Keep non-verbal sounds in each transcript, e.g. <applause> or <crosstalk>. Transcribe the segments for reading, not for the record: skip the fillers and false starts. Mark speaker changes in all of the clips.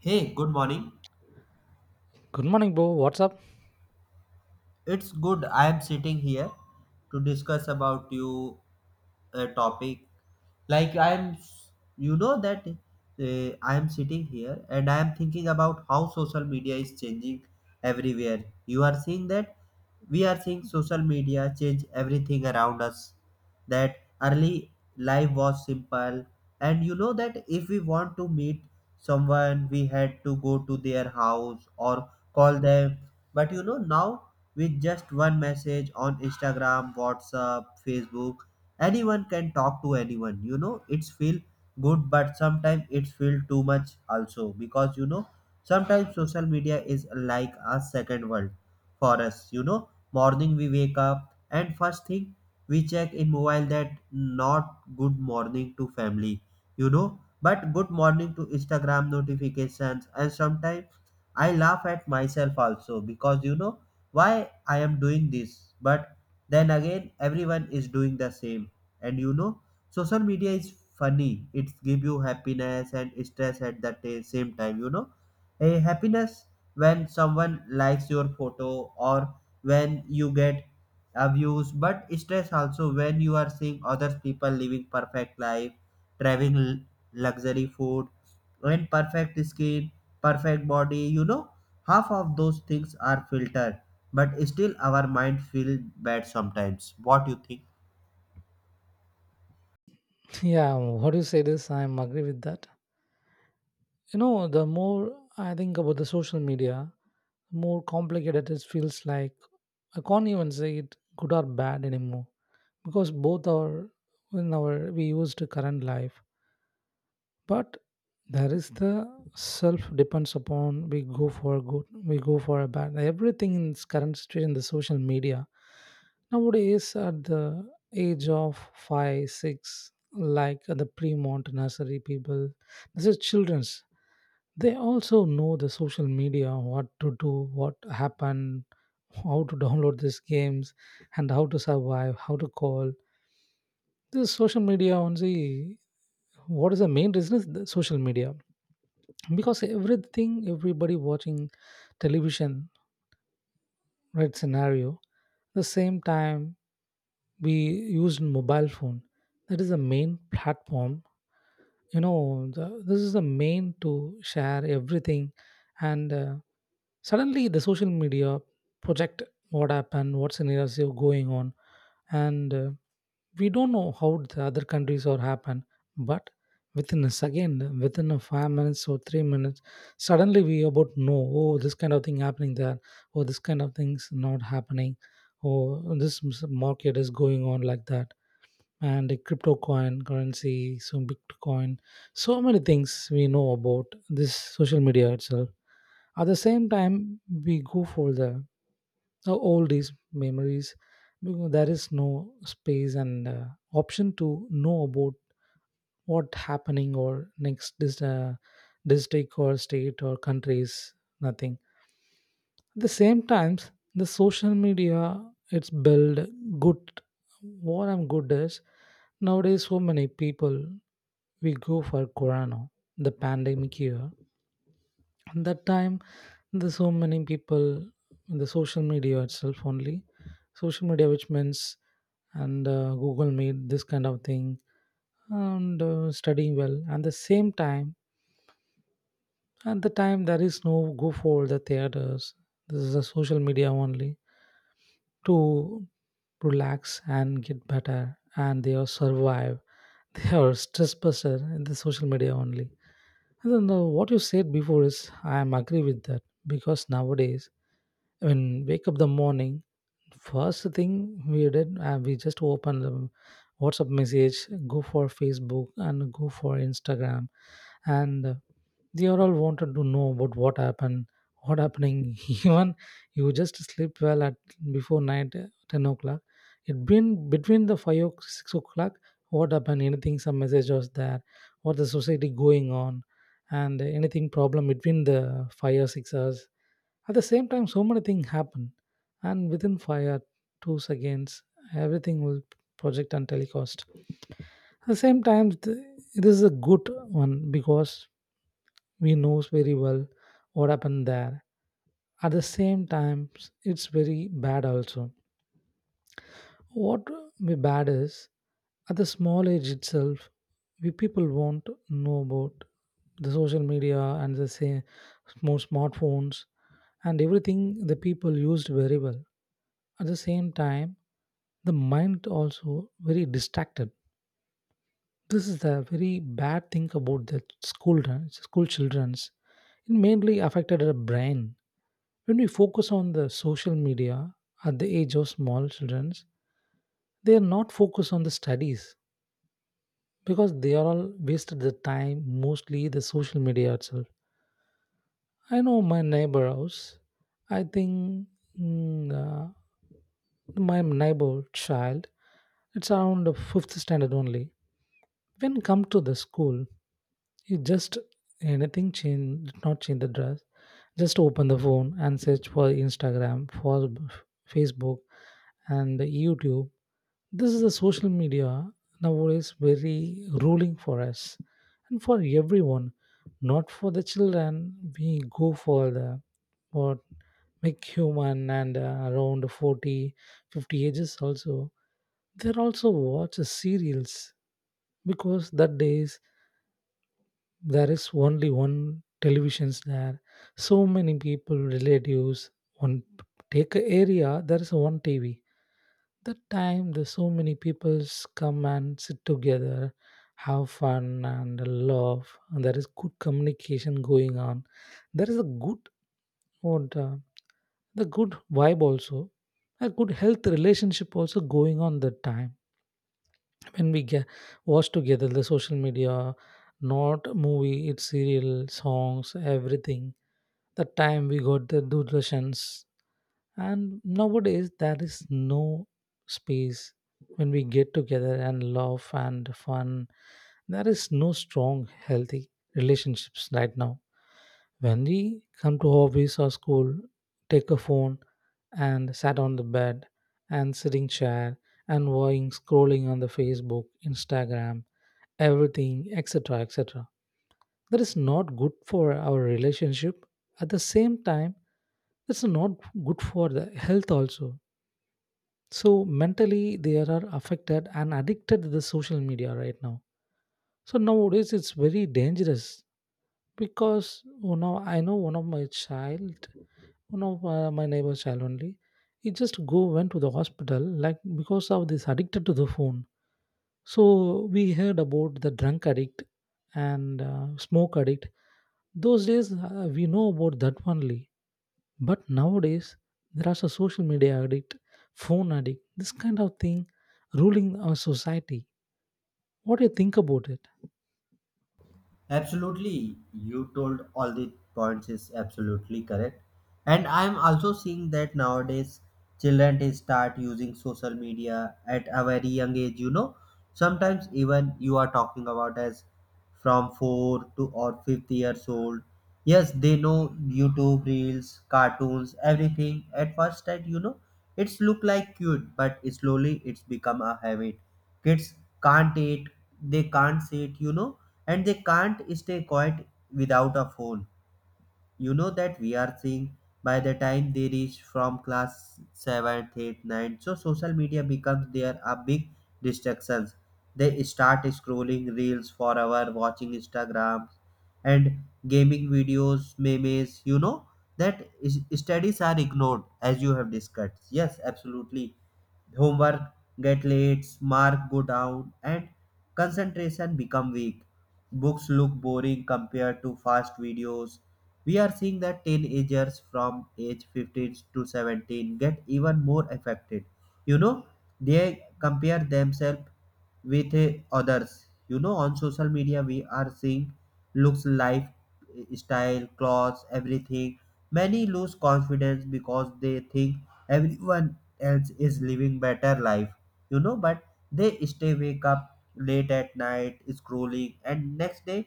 Speaker 1: Hey, good morning.
Speaker 2: Good morning, bro. What's up? <laughs>
Speaker 1: It's good I am sitting here to discuss about you a topic. Like I am you know that I am sitting here and I am thinking about how social media is changing everywhere. You are seeing that we are seeing social media change everything around us. That early life was simple, and you know that if we want to meet someone, we had to go to their house or call them. But you know now, with just one message on Instagram, WhatsApp, Facebook. Anyone can talk to anyone. You know, it's feel good, but sometimes it's feel too much also, because you know sometimes social media is like a second world for us. You know, morning we wake up and first thing we check in mobile that not good morning to family. You know, but good morning to Instagram notifications. And sometimes I laugh at myself also, because you know why I am doing this. But then again, everyone is doing the same. And you know, social media is funny. It give you happiness and stress at the same time. You know, a happiness when someone likes your photo or when you get a views, but stress also when you are seeing other people living perfect life, driving luxury food and perfect skin, perfect body. You know, half of those things are filtered, but still our mind feel bad sometimes. What you think?
Speaker 2: Yeah, what do you say this? I am agree with that. You know, the more I think about the social media, the more complicated it feels like. I can't even say it good or bad anymore, because both are in our we used to current life. But there is the self depends upon we go for good, we go for a bad, everything in this current situation. The social media nowadays at the age of 5, 6, like the pre-mont nursery people, this is children's, they also know the social media, what to do, what happened, how to download these games, and how to survive, how to call. The social media only, what is the main reason is the social media, because everything, everybody watching television, right scenario the same time, we used mobile phone, that is the main platform. You know this is the main to share everything. And suddenly the social media project what happened, what scenarios are going on. And we don't know how the other countries or happen, but within a second, within a 5 minutes or 3 minutes, suddenly we about know, oh, this kind of thing happening there, oh, this kind of things not happening, oh, this market is going on like that. And a crypto coin currency, so bitcoin, so many things we know about this social media itself. At the same time, we go for the now all these memories, because there is no space and option to know about what happening or next district or state or countries, nothing. At the same times, the social media it's build good. What I'm good is, nowadays so many people, we go for corona, the pandemic year, and that time, there's so many people in the social media itself only, social media, which means and Google Meet, this kind of thing, and studying well. And the same time, at the time, there is no go for the theaters. This is a social media only to relax and get better, and they are survive. <laughs> They are stress buster in the social media only. And then not what you said before is I am agree with that, because nowadays when wake up the morning, first thing we did we just open the WhatsApp message, go for Facebook and go for Instagram, and they are all wanted to know about what happened, what happening. <laughs> Even you just sleep well at before night 10 o'clock, it been between the 5 o'clock 6 o'clock, what happened, anything, some message was there, what the society going on, and anything problem between the 5 or 6 hours. At the same time so many things happen, and within 5 or 2 seconds everything will project and telecast. At the same time this is a good one, because we knows very well what happened there. At the same time it's very bad also. What may bad is, at the small age itself, we people won't know about the social media and the say more smartphones and everything, the people used very well. At the same time the mind also very distracted. This is the very bad thing about the school, school children's, it mainly affected the brain. When we focus on the social media at the age of small children, they are not focused on the studies, because they are all wasted the time mostly the social media itself. I know my neighbor house. I think mm, my neighbor child, it's around the fifth standard only. When come to the school, you just anything change, did not change the dress. Just open the phone and search for Instagram, for Facebook, and YouTube. This is the social media nowadays very ruling for us and for everyone, not for the children. We go for the what make human, and around 40, 50 ages also. They also watch the serials, because that days there is only one televisions there. So many people, relatives, one take a area, there is one TV. That time the so many peoples come and sit together, have fun and laugh, and there is good communication going on. There is a good what the good vibe also, a good health relationship also going on that time. When we get watch together the social media, not movie, it's serial, songs, everything. The time we got the Doordarshans. And nowadays, there is no space when we get together and laugh and fun. There is no strong, healthy relationships right now. When we come to office or school, take a phone and sat on the bed and sitting chair and going scrolling on the Facebook, Instagram, everything, etc., etc. That is not good for our relationship. At the same time that's not good for the health also. So mentally they are affected and addicted to the social media right now. So nowadays it's very dangerous, because you know, I know one of my child, one of my neighbor's child only, he just go went to the hospital like, because of this addicted to the phone. So we heard about the drunk addict and smoke addict, those days we know about that only, but nowadays there is a social media addict, phone addict, this kind of thing ruling our society. What do you think about it?
Speaker 1: Absolutely, you told all the points is absolutely correct. And I'm also seeing that nowadays children they start using social media at a very young age, you know. Sometimes even you are talking about as from four to or fifth years old. Yes, they know YouTube reels, cartoons, everything. At first that you know it's look like cute, but slowly it's become a habit. Kids can't eat, they can't sit, you know, and they can't stay quiet without a phone. You know that we are seeing by the time they reach from class 7th, 8th, 9th, so social media becomes their a big distractions. They start scrolling reels for hour, watching Instagram and gaming videos, memes, you know, that is, studies are ignored as you have discussed. Yes, absolutely, homework get late, mark go down, and concentration become weak. Books look boring compared to fast videos. We are seeing that teenagers from age 15 to 17 get even more affected. You know, they compare themselves with others. You know, on social media we are seeing looks life, style, clothes, everything. Many lose confidence because they think everyone else is living better life. You know, but they stay wake up late at night scrolling, and next day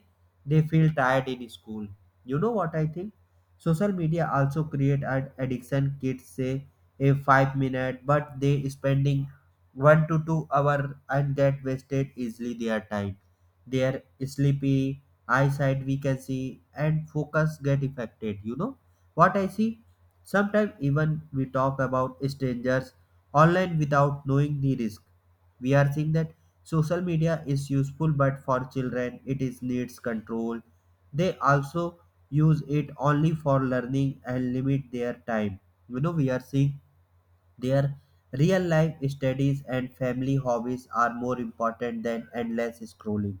Speaker 1: they feel tired in school. You know what I think? Social media also create an addiction. Kids say a 5 minute, but they spending 1 to 2 hour and get wasted easily their time. Their sleepy eyesight we can see and focus get affected. You know what I see? Sometimes even we talk about strangers online without knowing the risk. We are seeing that social media is useful, but for children it is needs control. They also use it only for learning and limit their time. You know, we are seeing their real life, studies, and family hobbies are more important than endless scrolling.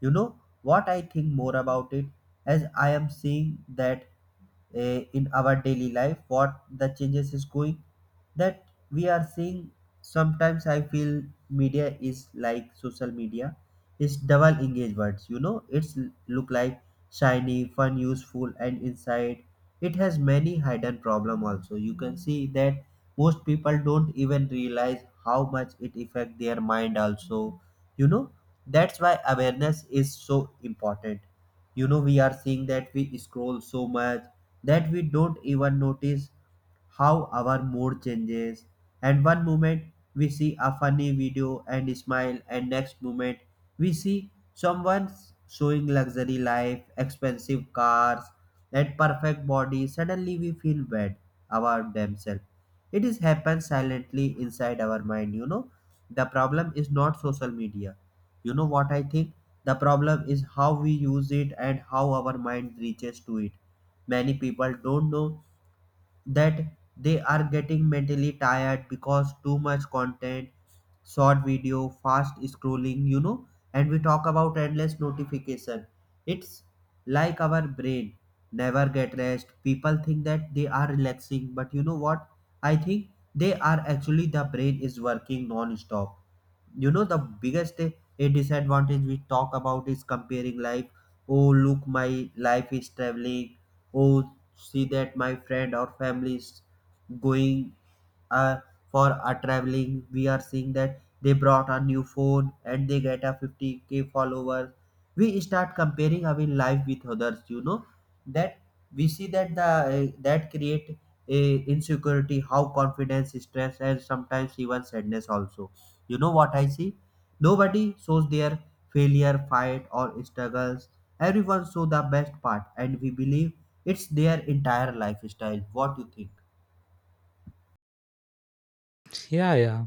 Speaker 1: You know what I think more about it. As I am seeing that in our daily life, what the changes is going, that we are seeing, sometimes I feel media is like social media is double engagements. You know, it's look like shiny, fun, useful, and inside it has many hidden problem also. You can see that most people don't even realize how much it affect their mind also. You know, that's why awareness is so important. You know, we are seeing that we scroll so much that we don't even notice how our mood changes. And one moment we see a funny video and smile, and next moment we see someone showing luxury life, expensive cars, and perfect body. Suddenly we feel bad about themselves. It is happens silently inside our mind. You know, the problem is not social media. You know what I think? The problem is how we use it and how our mind reaches to it. Many people don't know that they are getting mentally tired because too much content, short video, fast scrolling, you know, and we talk about endless notification. It's like our brain never get rest. People think that they are relaxing, but you know what? I think they are actually the brain is working non-stop. You know, the biggest disadvantage we talk about is comparing life. Oh, look, my life is traveling. Oh, see that my friend or family is going uh, for are traveling. We are seeing that they brought a new phone and they get a 50K followers. We start comparing our life with others. You know that we see that the that create a insecurity, how confidence, stress, and sometimes even sadness also. You know what I see? Nobody shows their failure, fight, or struggles. Everyone shows the best part, and we believe it's their entire lifestyle. What do you think?
Speaker 2: Yeah, yeah.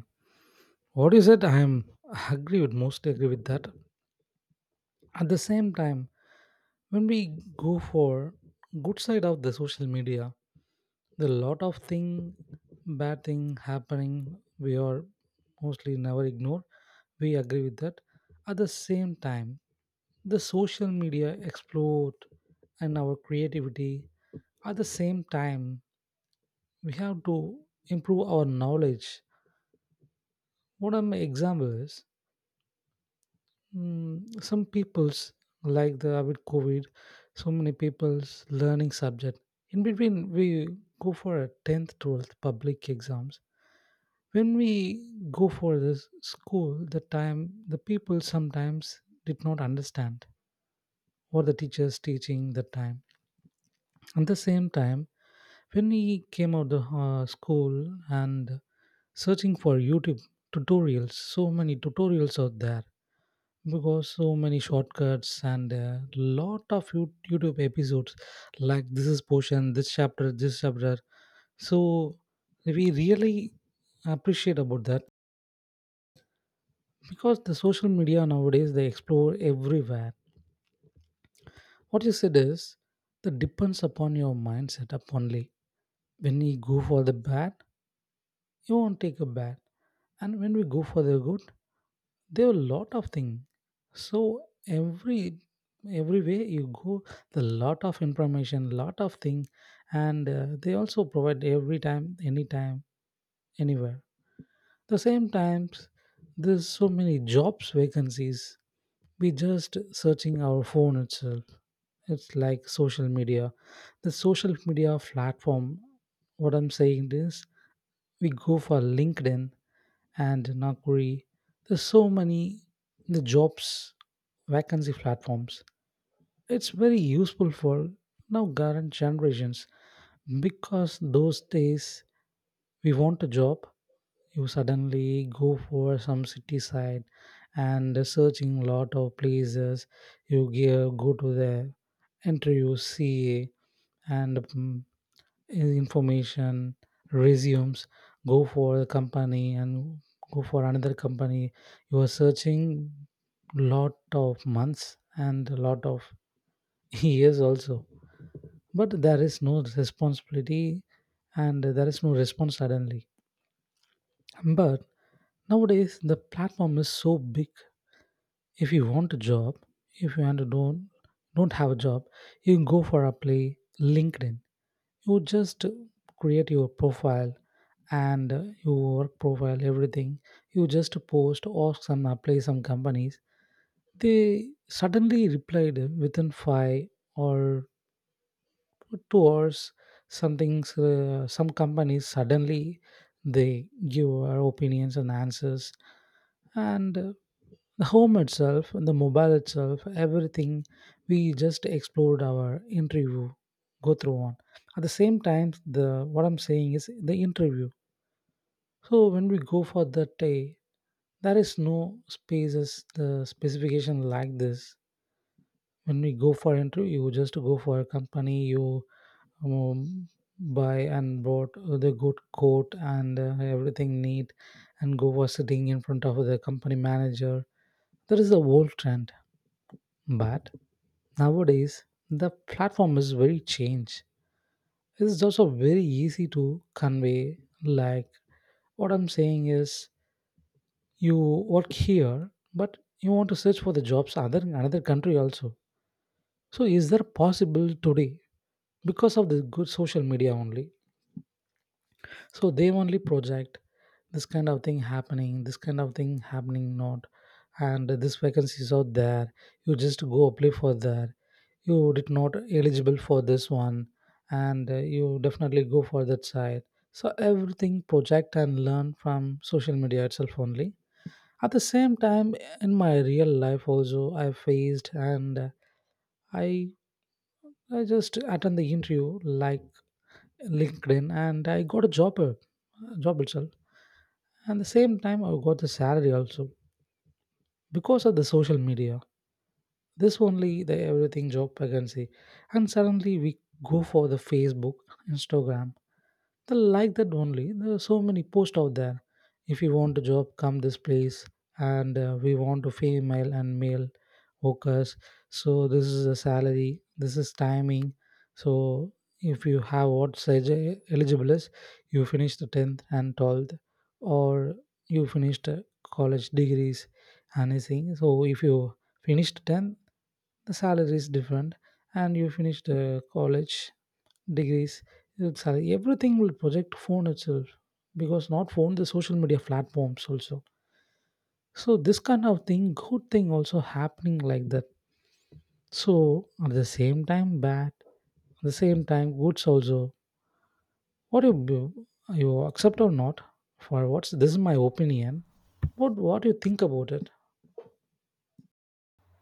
Speaker 2: What you said, I agree with, mostly agree with that. At the same time, when we go for good side of the social media, the lot of thing, bad thing happening, we are mostly never ignore. We agree with that. At the same time, the social media explode and our creativity. At the same time, we have to improve our knowledge. What are my examples? Some people's like the with COVID, so many people's learning subject. In between, we go for a 10th, 12th public exams. When we go for this school, the time the people sometimes did not understand what the teachers teaching the time. At the same time when he came out of school and searching for YouTube tutorials, so many tutorials out there, because so many shortcuts and a lot of YouTube episodes, like this is portion, this chapter, this chapter. So we really appreciate about that, because the social media nowadays they explore everywhere. What you said is that depends upon your mindset up only. When you go for the bad, you won't take a bath. And when we go for the good, there are a lot of things. So everywhere you go, the lot of information, lot of thing, and they also provide every time, anytime, anywhere. The same times, there's so many jobs vacancies. We just searching our phone itself. It's like social media, the social media platform. What I'm saying is, we go for LinkedIn and Naukri. There's so many the jobs vacancy platforms. It's very useful for now current generations, because those days we want a job, you suddenly go for some city side and searching lot of places. You give, go to the interview, CA, and information, resumes, go for a company and go for another company, you are searching lot of months and a lot of <laughs> years also, but there is no responsibility and there is no response suddenly. But nowadays the platform is so big. If you want a job, if you want to don't have a job, you go for apply linkedin, you just create your profile and your work profile, everything. You just post or some apply some companies. They suddenly replied within 5 or 2 hours. Something's some companies suddenly they give our opinions and answers, and the home itself, the mobile itself, everything, we just explored our interview go through on. At the same time the what I'm saying is the interview, so when we go for that day, there is no spaces the specification like this. When we go for interview, you just go for a company, you um, buy and bought the good coat and everything neat, and go for sitting in front of the company manager. That is the old trend. But nowadays, the platform is very changed. It's also very easy to convey. Like what I'm saying is, you work here, but you want to search for the jobs other in another country also. So is there possible today because of the good social media only? So they only project this kind of thing happening, this kind of thing happening not, and this vacancy is out there. You just go apply for that. You did not eligible for this one, and you definitely go for that side. So everything project and learn from social media itself only. At the same time, in my real life also, I faced and I I just attend the interview like LinkedIn and I got a job, job itself. And the same time, I got the salary also because of the social media, this only the everything job vacancy. And suddenly we go for the Facebook, Instagram, the like that only, there are so many posts out there. If you want a job come this place, and we want to female and male workers, so this is the salary, this is timing. So if you have what size, eligible is, you finish the 10th and 12th, or you finished college degrees anything. So if you finished 10, the salary is different, and you finish the college degrees, your salary everything will project phone itself, because not phone, the social media platforms also. So this kind of thing good thing also happening like that. So at the same time bad, at the same time goods also. What you do, you accept or not? For what's this is my opinion. What you think about it?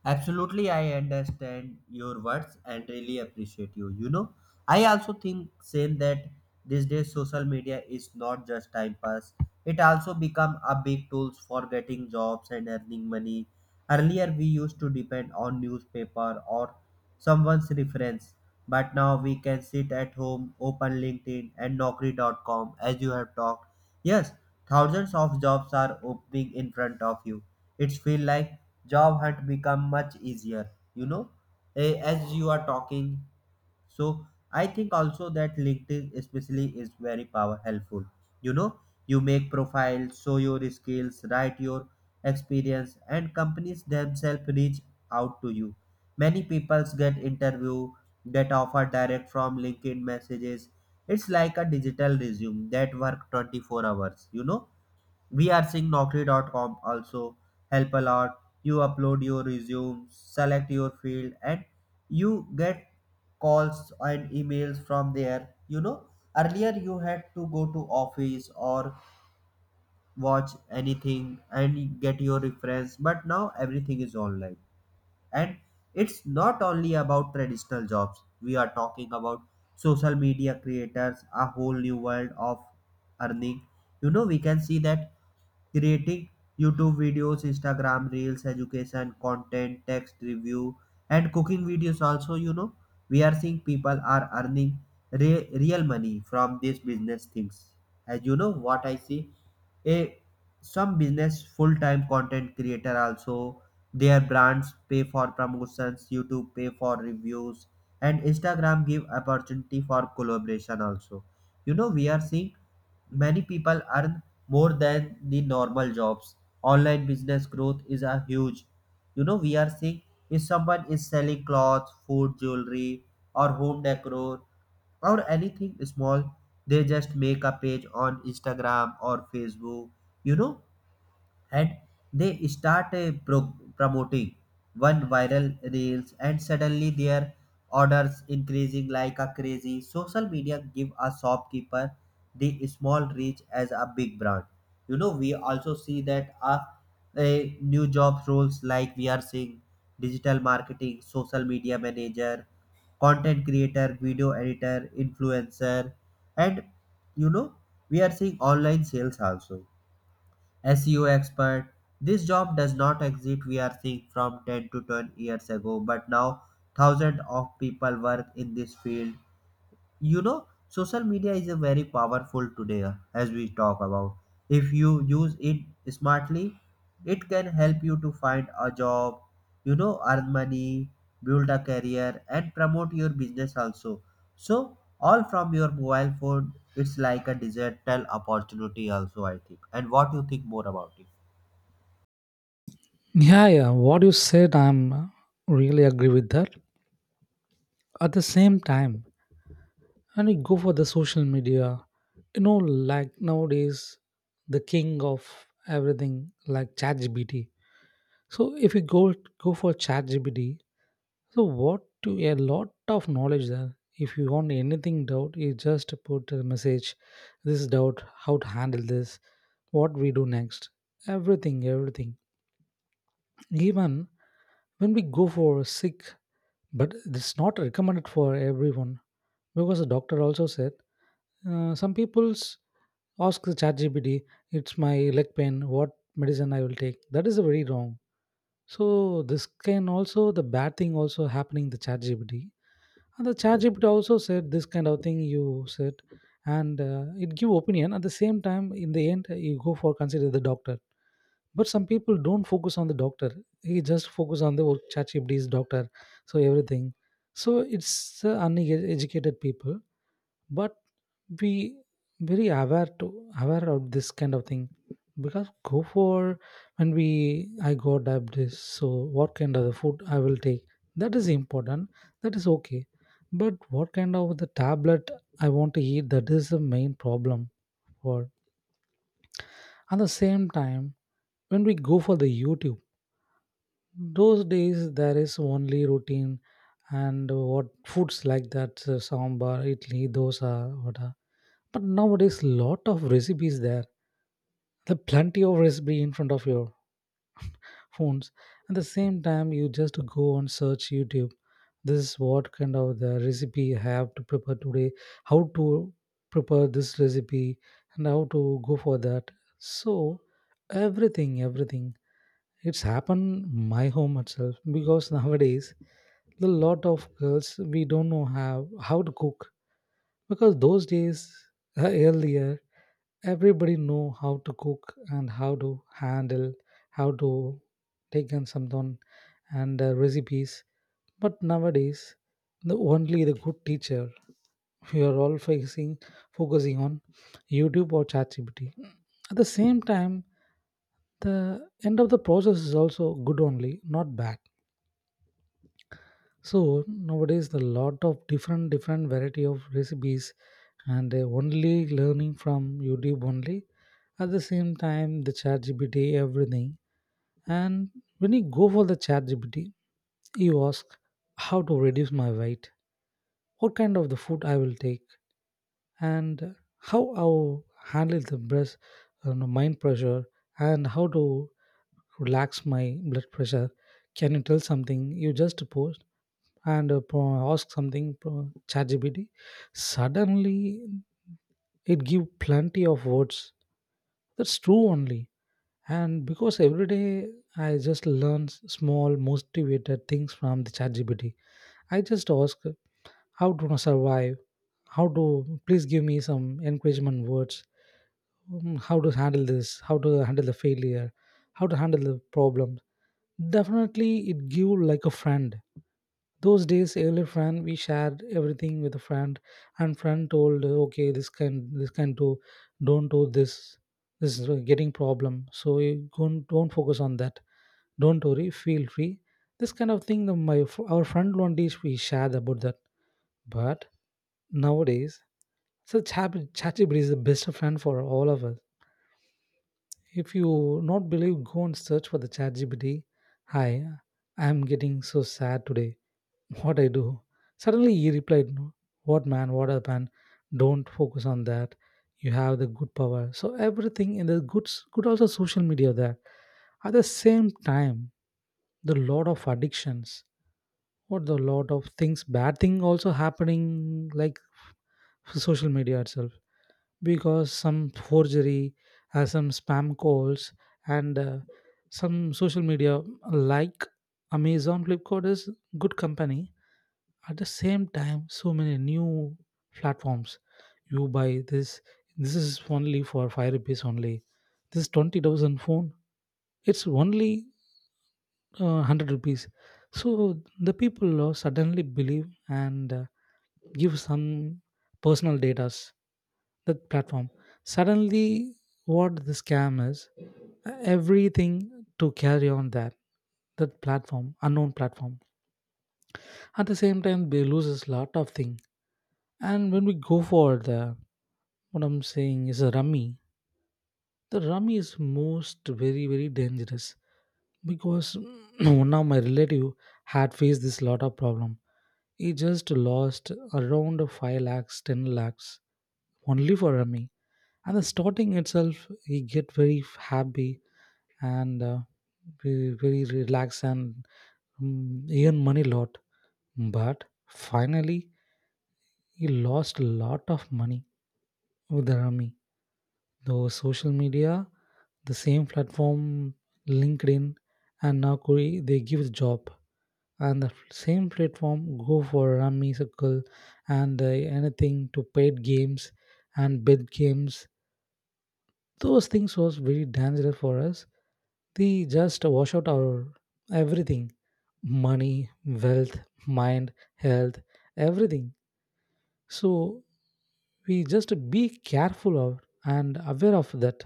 Speaker 1: Absolutely, I understand your words and really appreciate you. You know, I also think same that these days social media is not just time pass. It also become a big tools for getting jobs and earning money. Earlier we used to depend on newspaper or someone's reference, but now we can sit at home, open LinkedIn and naukri.com, as you have talked. Yes, thousands of jobs are opening in front of you. It's feel like job hunt become much easier. You know, as you are talking, so I think also that LinkedIn especially is very power helpful. You know, you make profiles, show your skills, write your experience, and companies themselves reach out to you. Many people's get interview, get offer direct from LinkedIn messages. It's like a digital resume that work 24 hours. You know, we are seeing naukri.com. also help a lot. You upload your resume, select your field, and you get calls and emails from there. You know, earlier you had to go to office or watch anything and get your reference, but now everything is online. And it's not only about traditional jobs we are talking about. Social media creators, a whole new world of earning. You know, we can see that creating YouTube videos, Instagram reels, education content, text review, and cooking videos also, you know, we are seeing people are earning real money from these business things. As you know, what I see, a some business full-time content creator also, their brands pay for promotions, YouTube pay for reviews, and Instagram give opportunity for collaboration also. You know, we are seeing many people earn more than the normal jobs. Online business growth is a huge. You know, we are seeing if someone is selling clothes, food, jewelry, or home decor, or anything small, they just make a page on Instagram or Facebook. You know, and they start promoting one viral reels, and suddenly their orders increasing like a crazy. Social media give a shopkeeper the small reach as a big brand. You know, we also see that a new job roles. Like we are seeing digital marketing, social media manager, content creator, video editor, influencer, and you know, we are seeing online sales also, SEO expert. This job does not exist we are seeing from 10 to 10 years ago, but now thousands of people work in this field. You know, social media is a very powerful today, as we talk about, if you use it smartly it can help you to find a job, you know, earn money, build a career, and promote your business also. So all from your mobile phone, it's like a digital opportunity also, I think. And what you think more about it?
Speaker 2: Yeah, yeah, what you said, I'm really agree with that. At the same time, and we go for the social media, you know, like nowadays, the king of everything like ChatGPT. So if you go for ChatGPT, so what, to a lot of knowledge there. If you want anything doubt, you just put a message, this doubt how to handle this, what we do next, everything. Even when we go for sick, but it's not recommended for everyone, because the doctor also said, some people's ask the ChatGPT, it's my leg pain, what medicine I will take, that is very wrong. So this can also the bad thing also happening the ChatGPT. And the ChatGPT also said this kind of thing you said, and it give opinion. At the same time, in the end you go for consider the doctor, but some people don't focus on the doctor, he just focus on the, oh, ChatGPT is doctor. So everything. So it's uneducated people. But be very aware to aware of this kind of thing. Because go for when we, I got diabetes, so what kind of the food I will take, that is important, that is okay. But what kind of the tablet I want to eat, that is the main problem. For at the same time, when we go for the YouTube, those days there is only routine and what foods like that, sambar idli dosa, what. But nowadays, lot of recipes there. The plenty of recipe in front of your phones. At the same time, you just go and search YouTube. This is what kind of the recipe I have to prepare today. How to prepare this recipe and how to go for that. So everything. It's happened my home itself, because nowadays the lot of girls, we don't know how to cook. Because those days, earlier, everybody know how to cook and how to handle, how to take on something, and recipes. But nowadays, the only the good teacher, we are all facing, focusing on YouTube or ChatGPT. At the same time, the end of the process is also good only, not bad. So nowadays the lot of different variety of recipes, and only learning from YouTube only. At the same time, the chat gpt everything. And when you go for the chat gpt you ask how to reduce my weight, what kind of the food I will take, and how I'll handle the breast, you know, mind pressure, and how to relax my blood pressure. Can you tell something? You just post, and ask something ChatGPT. Suddenly it give plenty of words. That's true only. And because every day I just learn small motivated things from the ChatGPT, I just ask how to survive, how to, please give me some encouragement words, how to handle this, how to handle the failure, how to handle the problem. Definitely, it give like a friend. Those days, early friend, we shared everything with a friend, and friend told, "Okay, this can do, don't do this. This is getting problem, so you don't focus on that. Don't worry, feel free." This kind of thing, my our friend Londish, we shared about that. But nowadays, such happy, ChatGPT is the best friend for all of us. If you not believe, go and search for the ChatGPT. "Hi, I am getting so sad today, what I do?" Suddenly he replied, "No, what man, what a man, don't focus on that. You have the good power." So everything in the good also social media there. At the same time, the lot of addictions, what the lot of things, bad thing also happening like social media itself. Because some forgery, some spam calls, and some social media like Amazon Flipkart is good company. At the same time, so many new platforms, you buy this, this is only for 5 rupees only, this 20,000 phone, it's only 100 rupees. So the people suddenly believe, and give some personal data that platform. Suddenly, what the scam is, everything to carry on that, that platform, unknown platform. At the same time, they loses lot of thing. And when we go for the, what I'm saying is a rummy, the rummy is most very, very dangerous, because <clears throat> one of my relative had faced this lot of problem. He just lost around 5 lakhs, 10 lakhs only for rummy. And the starting itself, he get very happy and very, very relaxed and earn money lot. But finally, he lost a lot of money with the rummy. Though social media, the same platform, LinkedIn and now Kori, they give job. And the same platform go for Rummy Circle, and anything to paid games and bid games. Those things was very dangerous for us. They just wash out our everything, money, wealth, mind, health, everything. So we just be careful of and aware of that,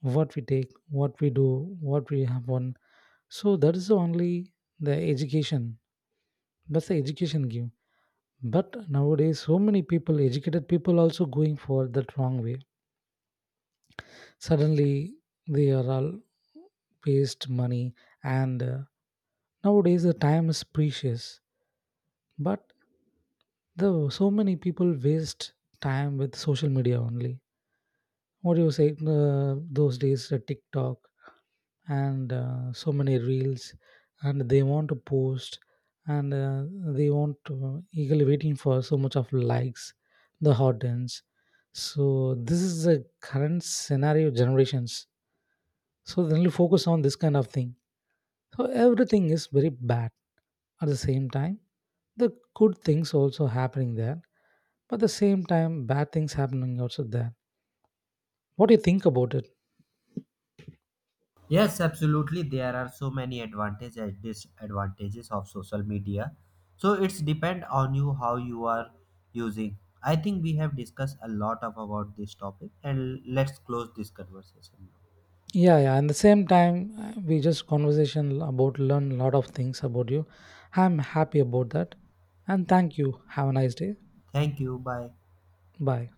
Speaker 2: what we take, what we do, what we have on. So that is only the education, that's the education give. But nowadays so many people, educated people also going for that wrong way. Suddenly they are all waste money, and nowadays the time is precious. But the so many people waste time with social media only. What do you say, those days the TikTok, and so many reels, and they want to post, and they want to eagerly waiting for so much of likes, the hot audience. So this is the current scenario generations. So they only focus on this kind of thing. So everything is very bad. At the same time, the good things also happening there, but at the same time bad things happening also there. What do you think about it?
Speaker 1: Yes, absolutely. There are so many advantages and disadvantages of social media. So it's depend on you how you are using. I think we have discussed a lot of about this topic, and let's close this conversation now.
Speaker 2: Yeah, yeah. And the same time, we just conversation about learn a lot of things about you. I'm happy about that. And thank you. Have a nice day.
Speaker 1: Thank you. Bye.
Speaker 2: Bye.